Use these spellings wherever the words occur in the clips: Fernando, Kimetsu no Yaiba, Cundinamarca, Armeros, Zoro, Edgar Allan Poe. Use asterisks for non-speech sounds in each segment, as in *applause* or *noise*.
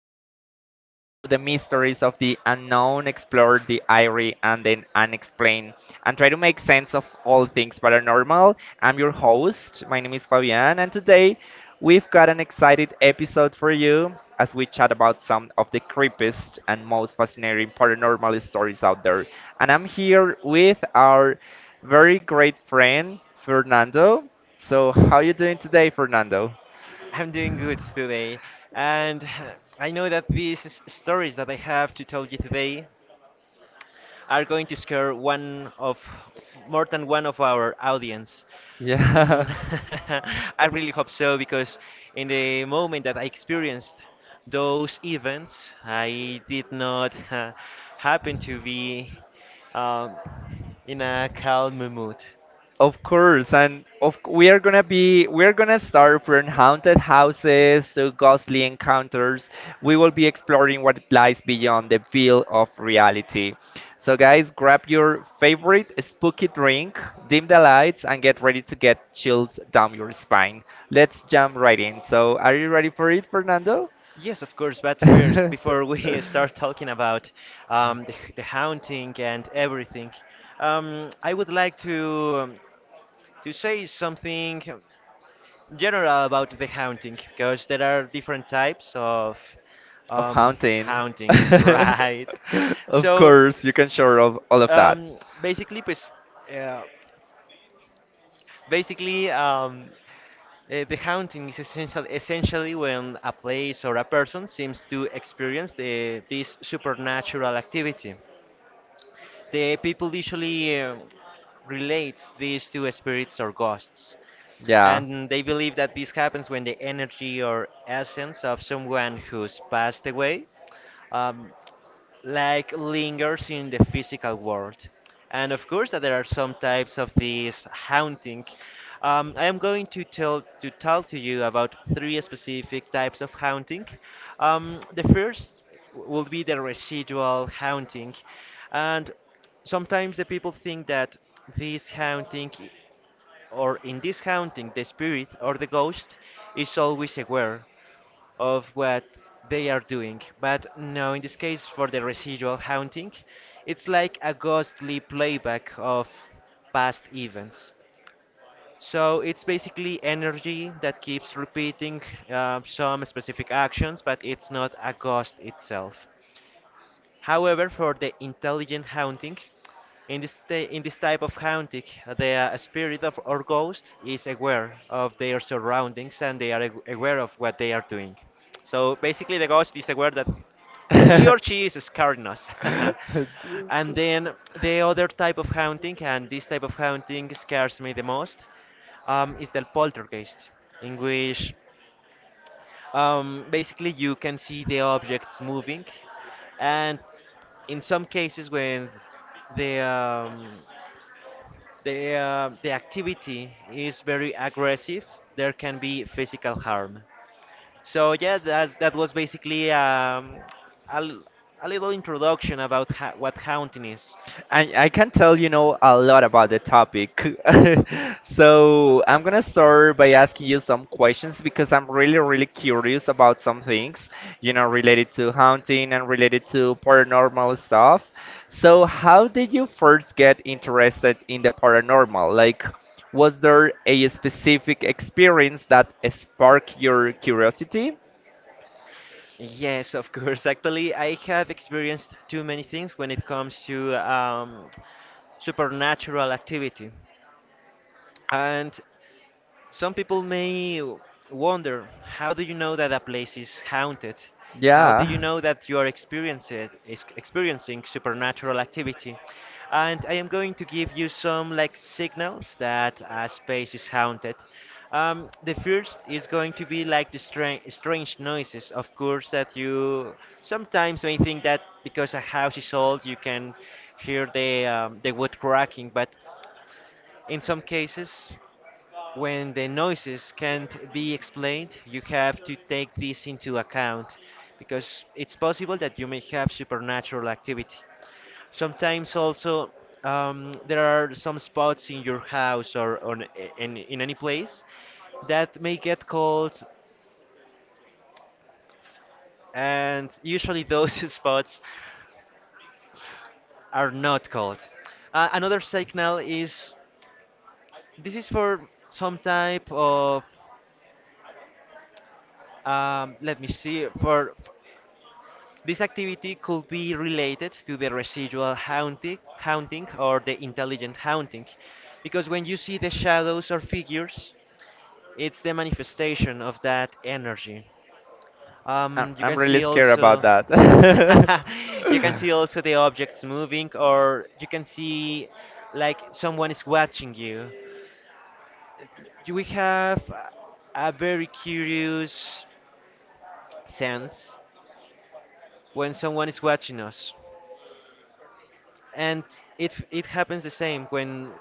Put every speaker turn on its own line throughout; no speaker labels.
where we dive into the mysteries of the unknown, explore the eerie and the unexplained, and try to make sense of all things paranormal. I'm your host, my name is Fabian, and today we've got an excited episode for you as we chat about some of the creepiest and most fascinating paranormal stories out there. And I'm here with our very great friend, Fernando. So, how you doing today, Fernando?
I'm doing good today, and *sighs* I know that these stories that I have to tell you today are going to scare one of more than one of our audience. Mm,
Yeah.
*laughs* I really hope so because in the moment that I experienced those events, I did not *laughs* happen to be um, in a calm mood.
*laughs* Of course. We are gonna start from haunted houses to ghostly encounters. We will be exploring what lies beyond the veil of reality. So, guys, grab your favorite spooky drink, dim the lights, and get ready to get chills down your spine. Let's jump right in. So, are you ready for it, Fernando?
Yes, of course, but first, before we *laughs* start
*laughs*
talking about the haunting and everything. I would like to say something general about the haunting because there are different types of
Of
um,
hunting.
hauntings, *laughs*
*laughs*
right?
Of
So
course, you can share all of that.
basically, pues, uh, basically. The haunting is essentially when a place or a person seems to experience this supernatural activity. The people usually relates this to spirits or ghosts,
Yeah.
and they believe that this happens when the energy or essence of someone who's passed away um, like lingers in the physical world. And of course, that there are some types of this haunting. I am going to tell to you about three specific types of haunting. The first will be the residual haunting, and sometimes the people think that this haunting, or in this haunting, the spirit or the ghost is always aware of what they are doing. But no, in this case, for the residual haunting, it's like a ghostly playback of past events. So it's basically energy that keeps repeating some specific actions, but it's not a ghost itself. However, for the intelligent haunting, in this type of haunting, the spirit of or ghost is aware of their surroundings and they are aware of what they are doing. So basically, the ghost is aware that
*laughs* I
he or she is scaring us. *laughs* And then the other type of haunting, and this type of haunting scares me the most, is the poltergeist, in which basically, you can see the objects moving, and in some cases, when the um, the activity is very aggressive, there can be physical harm. So yeah, that was basically a, l- a little introduction about what haunting is.
I can tell you know a lot about the topic. *laughs* So I'm gonna start by asking you some questions because I'm really curious about some things, you know, related to hunting and related to paranormal stuff. So how did you first get interested in the paranormal? Like, was there a specific experience that sparked your curiosity?
Yes, of course. *laughs* Actually, I have experienced too many things when it comes to supernatural activity. And some people may wonder, how do you know that a place is haunted? How do you
Yeah.
know that you are experiencing supernatural activity? And I am going to give you some like signals that a space is haunted. The first is going to be like the strange noises. Of course, that you sometimes may think that because a house is old, you can hear the wood cracking, but in some cases when the noises can't be explained, you have to take this into account because it's possible that you may have supernatural activity. Sometimes also there are some spots in your house or in any place that may get cold, and usually those *laughs* spots are not cold. Another signal is this is for some type of let me see for this activity could be related to the residual haunting or the intelligent haunting, because when you see the shadows or figures, it's the manifestation of that energy. You
I'm
can
really
see
scared about
also
that. *laughs*
*laughs* you can see also the objects moving, or you can see like someone is watching you. Do we have a very curious sense when someone is watching us? And it happens the same when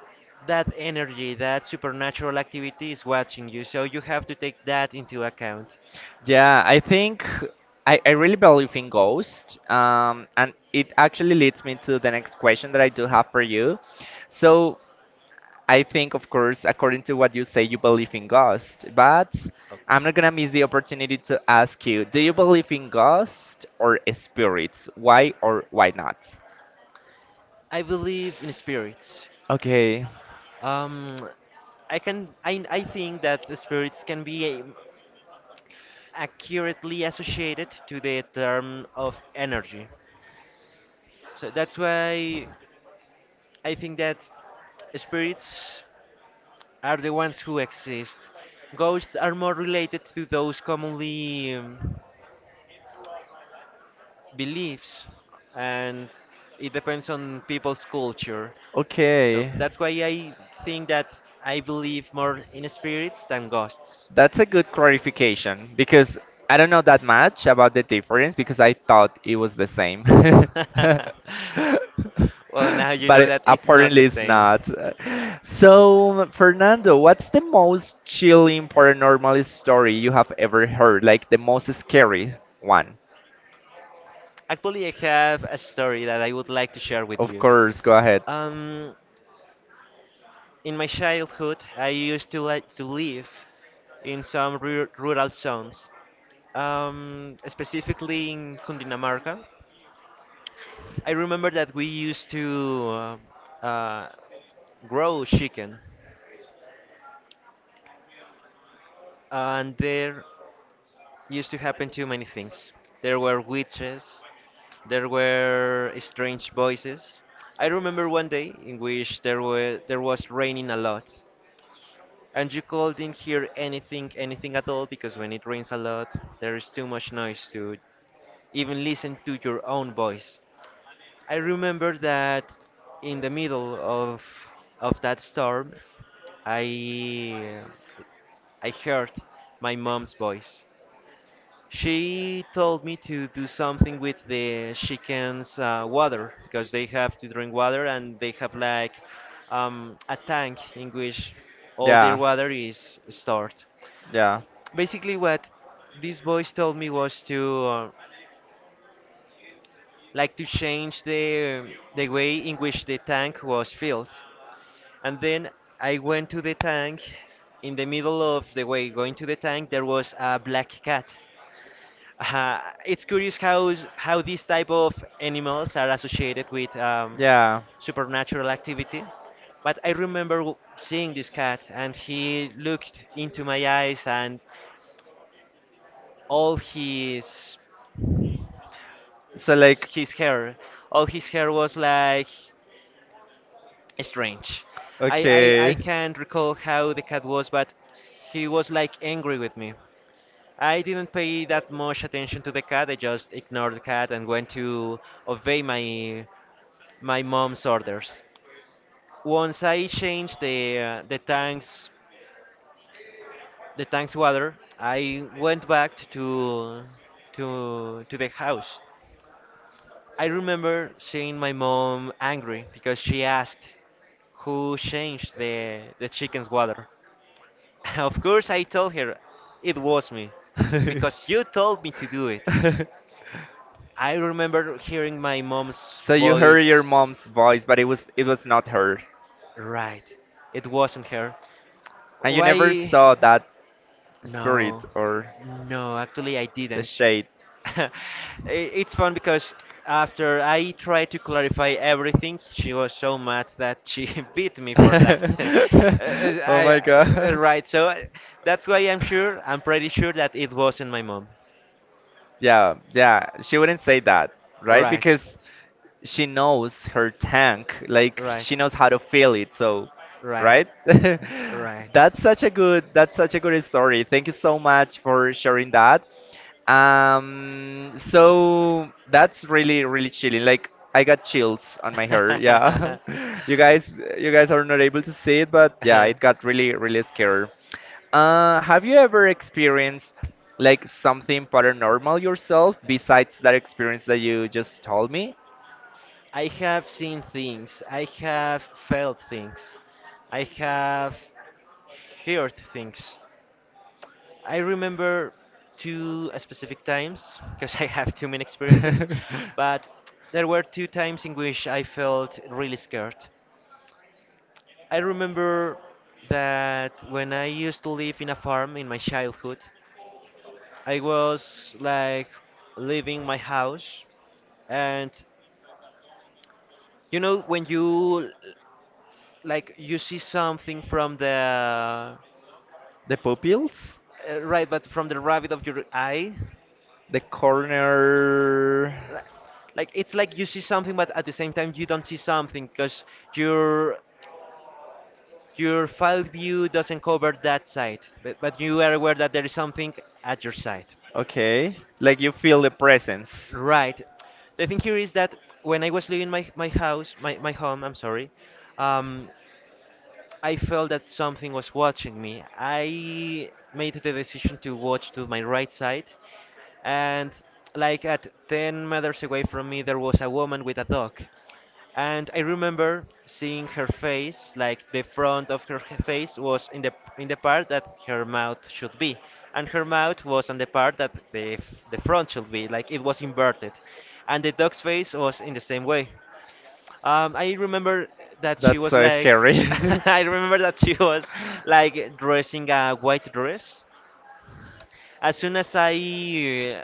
that energy, that supernatural activity, is watching you, so you have to take that into account.
Yeah, I think I really believe in ghosts. And it actually leads me to the next question that I do have for you. So I think, of course, according to what you say, you believe in ghosts, but I'm
Ok.
not gonna miss the opportunity to ask you, do you believe in ghosts or spirits? Why or why not?
I believe in spirits.
Okay,
Um I can I think that the spirits can be accurately associated to the term of energy. So that's why I think that spirits are the ones who exist. Ghosts are more related to those commonly beliefs, and it depends on people's culture. So
okay.
that's why I think that I believe more in spirits than ghosts.
That's a good clarification because I don't know that much about the difference because I thought it was the same. *laughs*
*laughs* Well, now you
But
know that it's not the
apparently it's
same.
not. So, Fernando, what's the most chilling paranormal story you have ever heard? Like the most scary one?
Actually, I have a story that I would like to share with
Of
you.
course, go ahead.
Um, in my childhood, I used to like to live in some rural zones, specifically in Cundinamarca. I remember that we used to uh, uh, grow chicken, and there used to happen too many things. There were witches, there were strange voices. I remember one day in which there was raining a lot, and you couldn't hear anything, anything at all, because when it rains a lot, there is too much noise to even listen to your own voice. I remember that in the middle of that storm, I I heard my mom's voice. She told me to do something with the chickens' water because they have to drink water and they have like a tank in which all their
Yeah,
water is stored.
yeah,
Basically, what these boys told me was to like to change the way in which the tank was filled. And then I went to the tank. In the middle of the way going to the tank, there was a black cat. It's curious how these type of animals are associated with
yeah.
supernatural activity. But I remember seeing this cat, and he looked into my eyes, and all
So, like,
his hair, all his hair was like strange. I I
okay.
can't recall how the cat was, but he was like angry with me. I didn't pay that much attention to the cat. I just ignored the cat and went to obey my mom's orders. Once I changed the the tanks water, I went back to to the house. I remember seeing my mom angry because she asked who changed the chicken's water. *laughs* Of course, I told her it was me because you told me to do it.
*laughs*
I remember hearing my mom's
So you heard your
voice.
mom's voice, but it was not her.
Right, it wasn't her.
And you never
Why?
saw that spirit
No,
or
no, actually, I
the
didn't.
shade.
*laughs* I- it's fun because after I tried to clarify everything, she was so mad that she *laughs* beat me for that. *laughs* Uh,
*laughs* Oh
I,
my god.
right, so that's why I'm sure, I'm pretty sure that it wasn't my mom.
Yeah, yeah, she wouldn't say that, right?
Right,
Because she knows her tank, like
right,
she knows how to fill it. So,
right,
right? *laughs* That's such a good story. Thank you so much for sharing that. So that's really chilling. Like I got chills on my hair. Yeah. *laughs* You guys are not able to see it, but yeah,
right.
it
*laughs*
got really scary. Have you ever experienced like something paranormal yourself besides that experience that you just told me?
I have seen things. I have felt things. I have heard things. I remember two specific times because *laughs* I have too many
*laughs*
experiences,
The
but there were two times in which I felt really scared. I remember that when I used to live in a farm in my childhood, I was like leaving my house, and you know when you like you see something from the
pupils,
right but from the rabbit of your eye
the corner.
li- like it's like you see something but at the same time you don't see something because your your file view doesn't cover that side, but you are aware that there is something at your side.
Okay, like you feel the presence.
Right, the thing here is that when I was leaving my, my house, my home, I'm sorry. um, I felt that something was watching me. I made the decision to watch to my right side, and like at 10 meters away from me, there was a woman with a dog. And I remember seeing her face, like the front of her face was in the part that her mouth should be, and her mouth was on the part that the front should be, like it was inverted, and the dog's face was in the same way. I remember that she
That's
was
so
like, *laughs*
scary. *laughs*
I remember that she was like dressing a white dress. As soon as I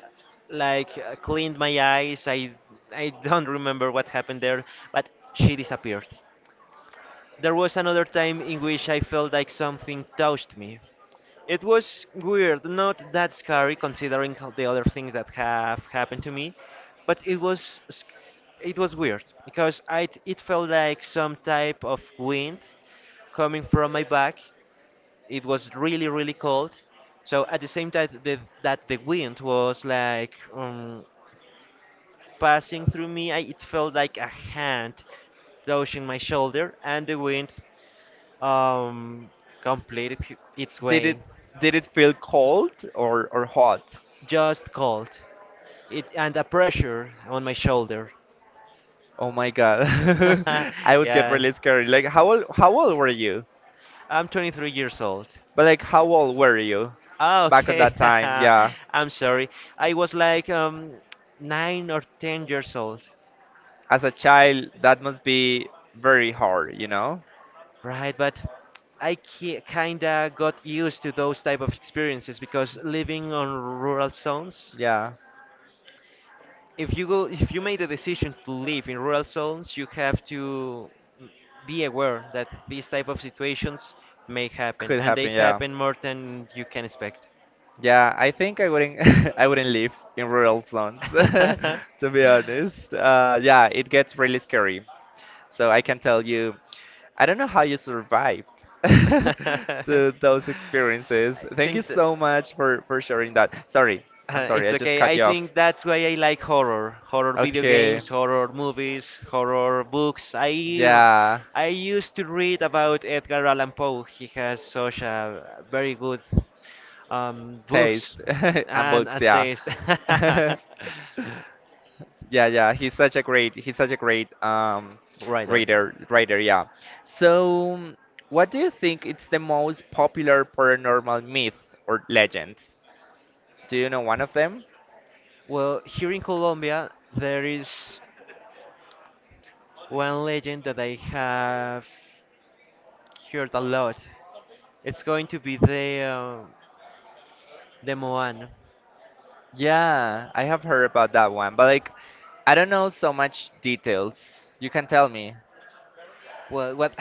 like cleaned my eyes, I don't remember what happened there, but she disappeared. There was another time in which I felt like something touched me. It was weird, not that scary considering how the other things that have happened to me, but it was it was weird because I it felt like some type of wind coming from my back. It was really really cold, so at the same time that the wind was like passing through me, it felt like a hand touching my shoulder, and the wind um, completed its
did it
way,
did it feel cold or hot?
just cold. It and a pressure on my shoulder.
Oh my God. *laughs* I
*laughs*
would get
Yeah,
really scared. Like how old were you?
I'm 23 years old.
But like how old were you
Ah,
back on
okay.
that time?
*laughs*
Yeah.
I'm sorry. I was like nine or 10 years old,
As a child, that must be very hard, you know?
right? But I ki kinda got used to those type of experiences because living on rural zones,
Yeah.
if you make the decision to live in rural zones you have to m- be aware that these type of situations may happen
Could
and they
happen, yeah.
happen more than you can expect.
Yeah, I think I wouldn't *laughs* I wouldn't live in rural zones *laughs* to be
*laughs*
honest. Yeah, it gets really scary. So I can tell you, I don't know how you survived
*laughs* I
*laughs* to those experiences. Thank you
think that
so much for sharing that. Sorry, I'm sorry,
it's
I just
okay.
cut
I
you off.
think that's why I like horror, horror video
Okay,
games, horror movies, horror books.
yeah,
I used to read about Edgar Allan Poe. He has such a very good books
taste *laughs* and
and
books,
a
yeah.
taste
*laughs*
*laughs*
Yeah, yeah, he's such a great he's such a great
writer.
reader writer, yeah. So, what do you think it's the most popular paranormal myth or legends? Do you know one of them?
Well, here in Colombia, there is. One legend that I have heard a lot. It's going to be the the Moan.
Yeah, I have heard about that one, but like I don't know so much details. You can tell me. *laughs*
Well, what?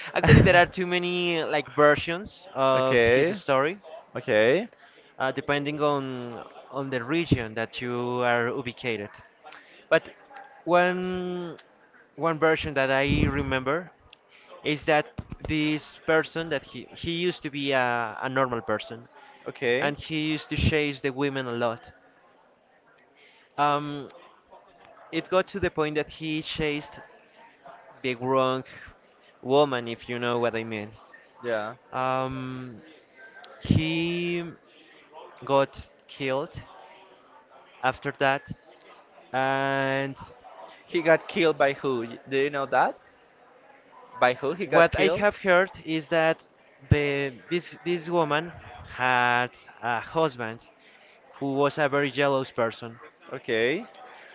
*laughs* actually, there are too many like versions of his
Okay,
story,
okay,
depending on the region that you are ubicated. But one one version that I remember is that this person that he used to be a normal person,
okay.
and he used to chase the women a lot. Um, It got to the point that he chased the wrong woman, if you know what I mean.
Yeah.
Um, he got killed after that, and
He got killed by who? Do you know that? By who he got
what I
killed?
have heard is that the this this woman had a husband who was a very jealous person.
Okay,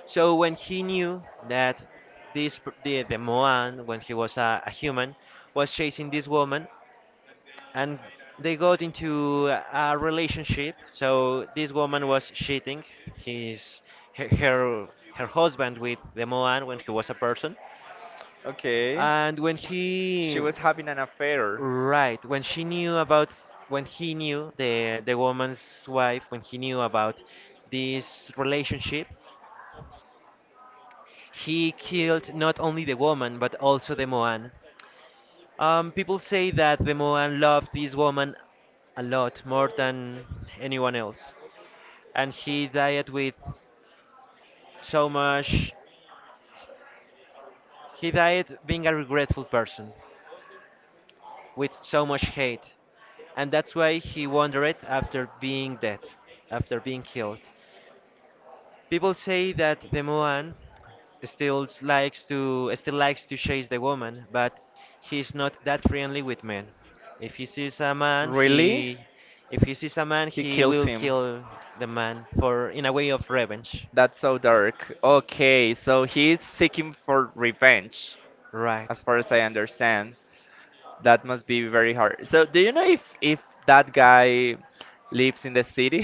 So when he knew that the Moan, when he was a human, was chasing this woman, and they got into a relationship. So this woman was cheating his her her her husband with the Moan when he was a person,
okay.
and when
She
he
was having an affair.
right when she knew about when he knew the woman's wife when he knew about this relationship, he killed not only the woman but also the Moan. People say that the Moan loved this woman a lot more than anyone else, and he died with so much he died being a regretful person with so much hate, and that's why he wandered after being dead, after being killed. People say that the moan still likes to chase the woman, but he's not that friendly with men. If he sees a man
Really?
he If he sees a man,
He
he
kills
will
him.
kill the man for in a way of revenge,
That's so dark. Okay, so he's seeking for revenge,
right?
as far as I understand. That must be very hard. So, do you know if that guy lives in the city?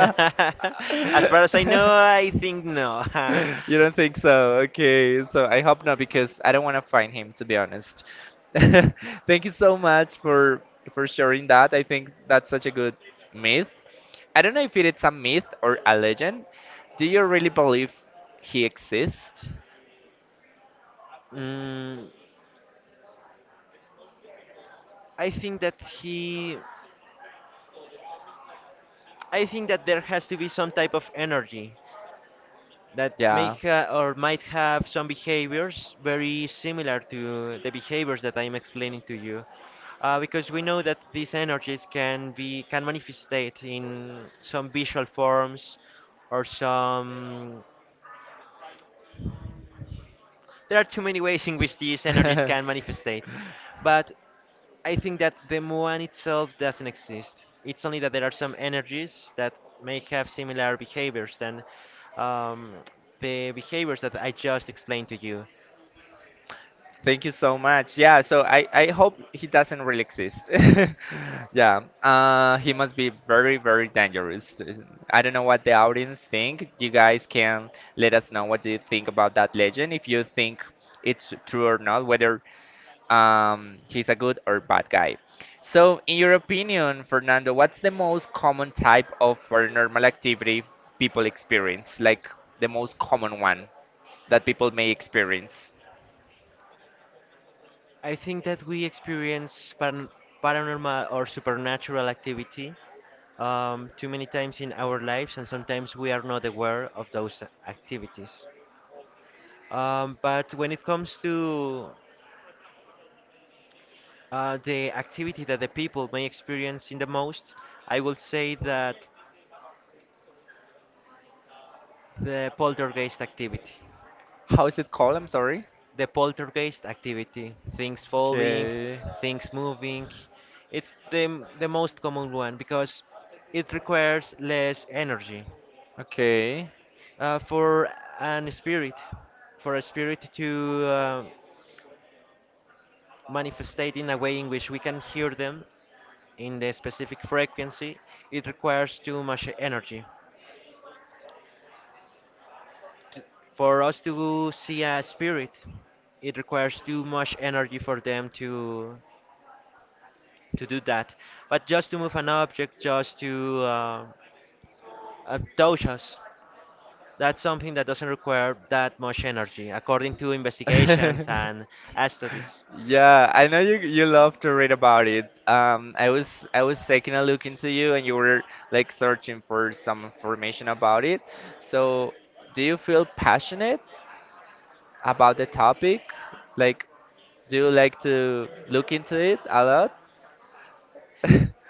*laughs* As far as I know,
*laughs*
I think no. *laughs*
You don't think so? Okay, so I hope not because I don't want to find him to be honest. *laughs* Thank you so much for sharing that. I think that's such a good myth. I don't know if it is a myth or a legend. Do you really believe he exists?
mm, I think that he. I think that there has to be some type of energy that
Yeah.
or might have some behaviors very similar to the behaviors that I'm explaining to you. Because we know that these energies can manifestate in some visual forms, or some. There are too many ways in which these energies
*laughs*
can manifestate, but I think that the muon itself doesn't exist. It's only that there are some energies that may have similar behaviors than um, the behaviors that I just explained to you.
Thank you so much. Yeah, so I hope he doesn't really exist. *laughs* Yeah, he must be very, very dangerous. I don't know what the audience think. You guys can let us know what do you think about that legend, if you think it's true or not, whether he's a good or bad guy. So, in your opinion, Fernando, what's the most common type of paranormal activity people experience? Like the most common one that people may experience?
I think that we experience paranormal or supernatural activity too many times in our lives, and sometimes we are not aware of those activities. But when it comes to the activity that the people may experience in the most, I will say that the poltergeist activity.
How is it called? I'm sorry.
The poltergeist activity, things falling,
Okay.
things moving, it's the, the most common one because it requires less energy.
Okay.
For an spirit, for a spirit to manifestate in a way in which we can hear them in the specific frequency, it requires too much energy. t- for us to see a spirit, it requires too much energy for them to do that. But just to move an object, just to touch us, that's something that doesn't require that much energy, according to investigations and
*laughs*
studies.
Yeah, I know you love to read about it. I was taking a look into you and you were like searching for some information about it. So, do you feel passionate about the topic? Like, do you like to look into it a lot? *laughs*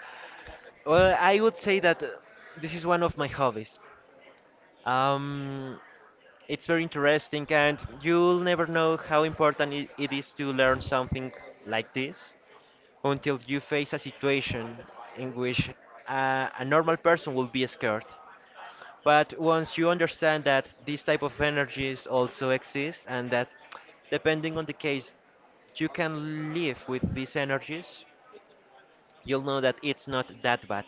Well, I would say that this is one of my hobbies. Um, it's very interesting, and you'll never know how important it is to learn something like this until you face a situation in which a normal person will be scared. But once you understand that these type of energies also exist, and that depending on the case you can live with these energies, you'll know that it's not that bad.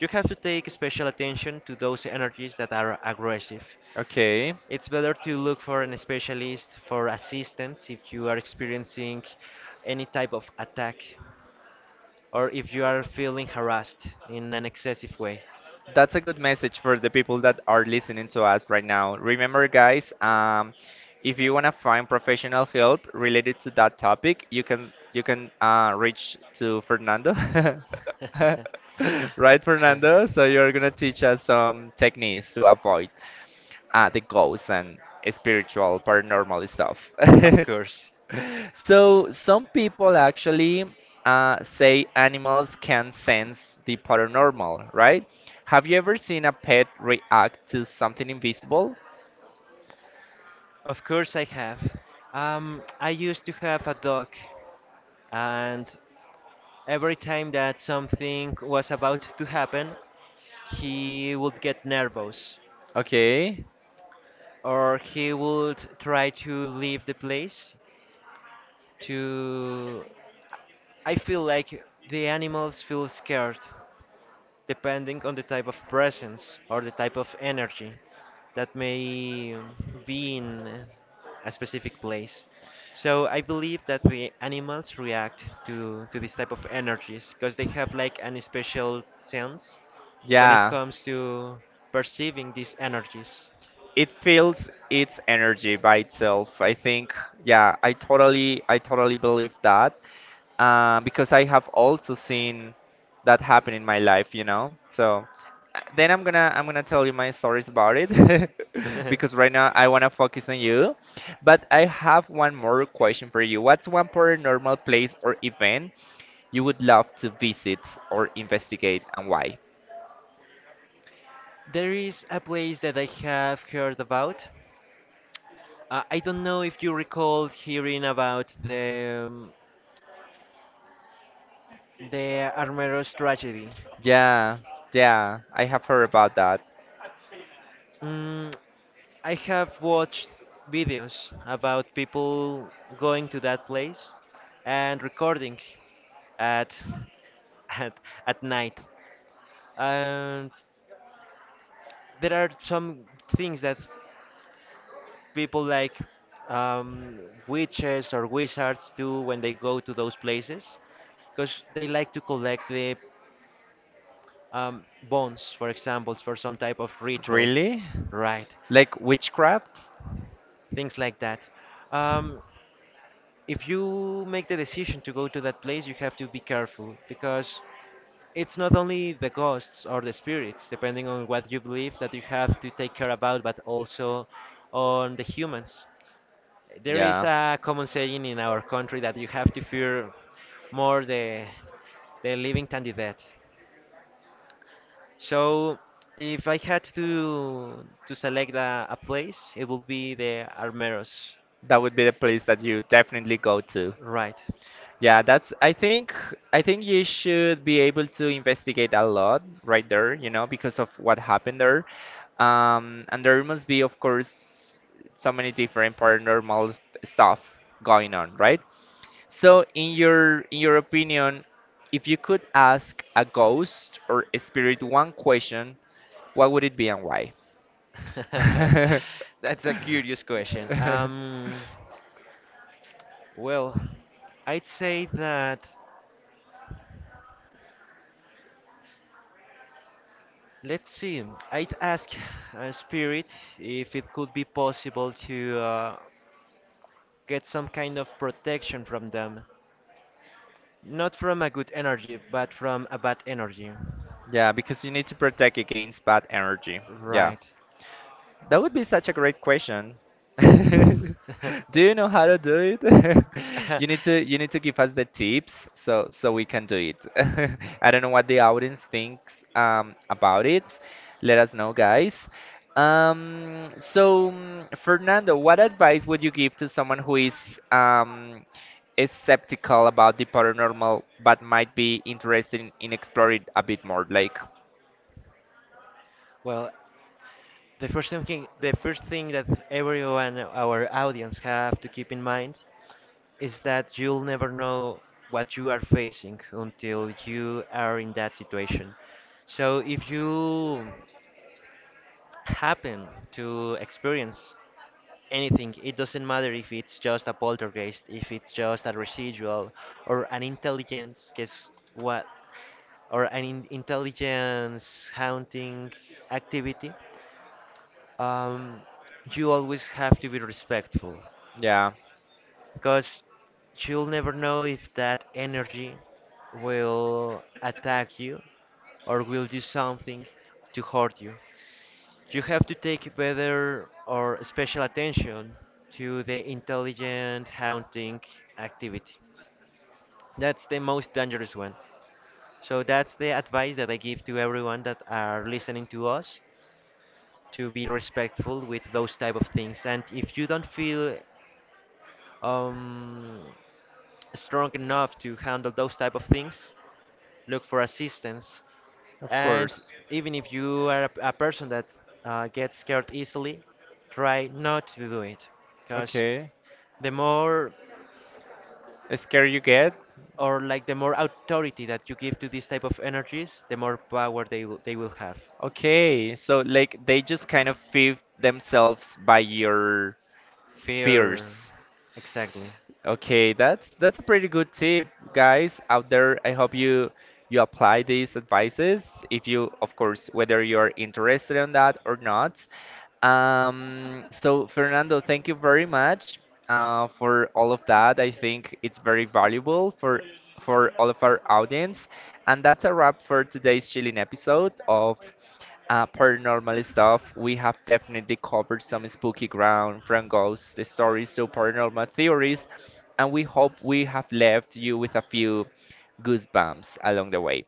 You have to take special attention to those energies that are aggressive.
Okay.
It's better to look for an specialist for assistance if you are experiencing any type of attack, or if you are feeling harassed in an excessive way.
That's a good message for the people that are listening to us right now. Remember, guys, if you want to find professional help related to that topic, you can reach to Fernando,
*laughs*
*laughs* right, Fernando? So you're gonna teach us some techniques to avoid the ghosts and spiritual paranormal stuff.
Of
*laughs*
course.
So some people actually say animals can sense the paranormal, right? Have you ever seen a pet react to something invisible?
Of course I have. I used to have a dog, and every time that something was about to happen, he would get nervous,
Okay,
or he would try to leave the place to. I feel like the animals feel scared depending on the type of presence or the type of energy that may be in a specific place. So I believe that the animals react to this type of energies because they have like an special sense when it
yeah,
comes to perceiving these energies.
it feels its energy by itself. I think, yeah, I totally believe that. Because I have also seen that happen in my life, you know. So then I'm gonna tell you my stories about it
*laughs*
*laughs* because right now I wanna focus on you. But I have one more question for you. What's one paranormal place or event you would love to visit or investigate, and why?
There is a place that I have heard about. I don't know if you recall hearing about the Armeros tragedy.
Yeah, yeah, I have heard about that.
Mm, I have watched videos about people going to that place and recording at *laughs* at at night. And there are some things that people like um, witches or wizards do when they go to those places because they like to collect the bones, for example, for some type of rituals,
Really?
right?
Like witchcraft?
Things like that. Um, if you make the decision to go to that place, you have to be careful, because it's not only the ghosts or the spirits, depending on what you believe, that you have to take care about, but also on the humans. There is
Yeah,
a common saying in our country that you have to fear more the living than the dead. So, if I had to select a place, it would be the Armeros.
that would be the place that you definitely go to.
Right.
Yeah, that's I think you should be able to investigate a lot right there, you know, because of what happened there. And there must be, of course, so many different paranormal stuff going on, right? So in your opinion, if you could ask a ghost or a spirit one question, what would it be and why?
*laughs* That's
*laughs*
a curious question.
*laughs*
Well, I'd say that let's see. I'd ask Spirit if it could be possible to get some kind of protection from them. Not from a good energy, but from a bad energy.
Yeah, because you need to protect against bad energy. Yeah.
Right.
That would be such a great question. *laughs* Do you
*laughs*
know how to do it? *laughs*
*laughs*
You need to give us the tips so we can do it. *laughs* I don't know what the audience thinks about it. Let us know, guys. Fernando, what advice would you give to someone who is skeptical about the paranormal but might be interested in exploring a bit more? Like,
Well, the first thing that everyone, our audience, have to keep in mind is that you'll never know what you are facing until you are in that situation. So if you happen to experience anything. It doesn't matter if it's just a poltergeist, if it's just a residual, or an intelligence, guess what, or intelligence haunting activity. Um, you always have to be respectful,
yeah,
because you'll never know if that energy will attack you or will do something to hurt you. You have to take better or special attention to the intelligent hunting activity. That's the most dangerous one. So that's the advice that I give to everyone that are listening to us, to be respectful with those type of things. And if you don't feel um, strong enough to handle those type of things, look for assistance.
of
And
course.
even if you are a person that gets scared easily, try not to do it. Because
Okay.
the more,
Scared you get?
or like the more authority that you give to these type of energies, the more power they will have.
Okay, so like they just kind of feed themselves by your
Fear,
fears.
exactly.
Okay, that's a pretty good tip, guys out there. I hope you apply these advices if you, of course, whether you're interested in that or not. So Fernando, thank you very much for all of that. I think it's very valuable for all of our audience. And that's a wrap for today's chilling episode of paranormal stuff. We have definitely covered some spooky ground from ghosts, the stories to paranormal theories, and we hope we have left you with a few goosebumps along the way.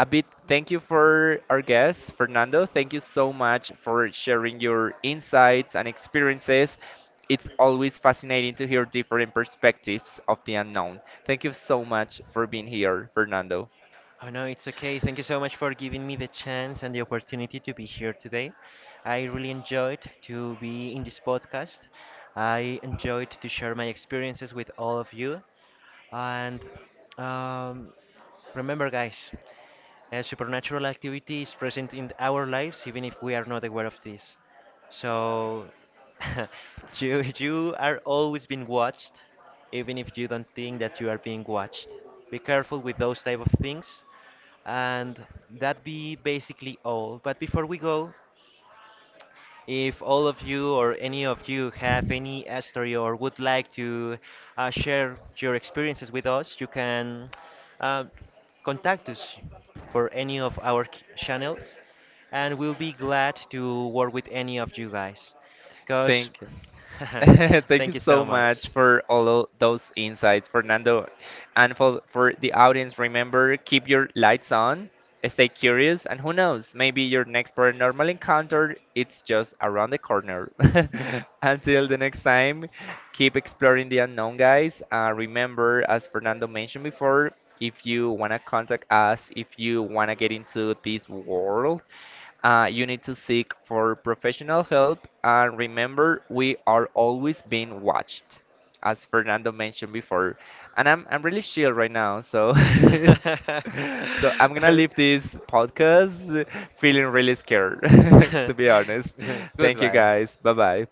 A bit thank you for our guest, Fernando. Thank you so much for sharing your insights and experiences. It's always fascinating to hear different perspectives of the unknown. Thank you so much for being here, Fernando.
Oh no, it's okay. Thank you so much for giving me the chance and the opportunity to be here today. I really enjoyed to be in this podcast. I enjoyed to share my experiences with all of you. And um, remember, guys, a supernatural activity is present in our lives even if we are not aware of this. So *laughs* you are always being watched, even if you don't think that you are being watched. Be careful with those type of things. And that be basically all. But before we go, if all of you or any of you have any story or would like to share your experiences with us, you can uh, contact us for any of our channels, and we'll be glad to work with any of you guys. Because,
Thank you.
*laughs*
*laughs* Thank you
thank you
so
so much.
much for all of those insights, Fernando. And for the audience, remember keep your lights on, stay curious, and who knows, maybe your next paranormal encounter it's just around the corner. *laughs* Until the next time, keep exploring the unknown, guys. Remember, as Fernando mentioned before, if you want to contact us, if
*laughs*
you want to get into this world, you need to seek for professional help and remember we are always being watched, as Fernando mentioned before. And I'm really chill right now, so *laughs* so I'm gonna leave this podcast feeling really scared, *laughs* to be honest. Thank you
Goodbye.
guys. Bye bye.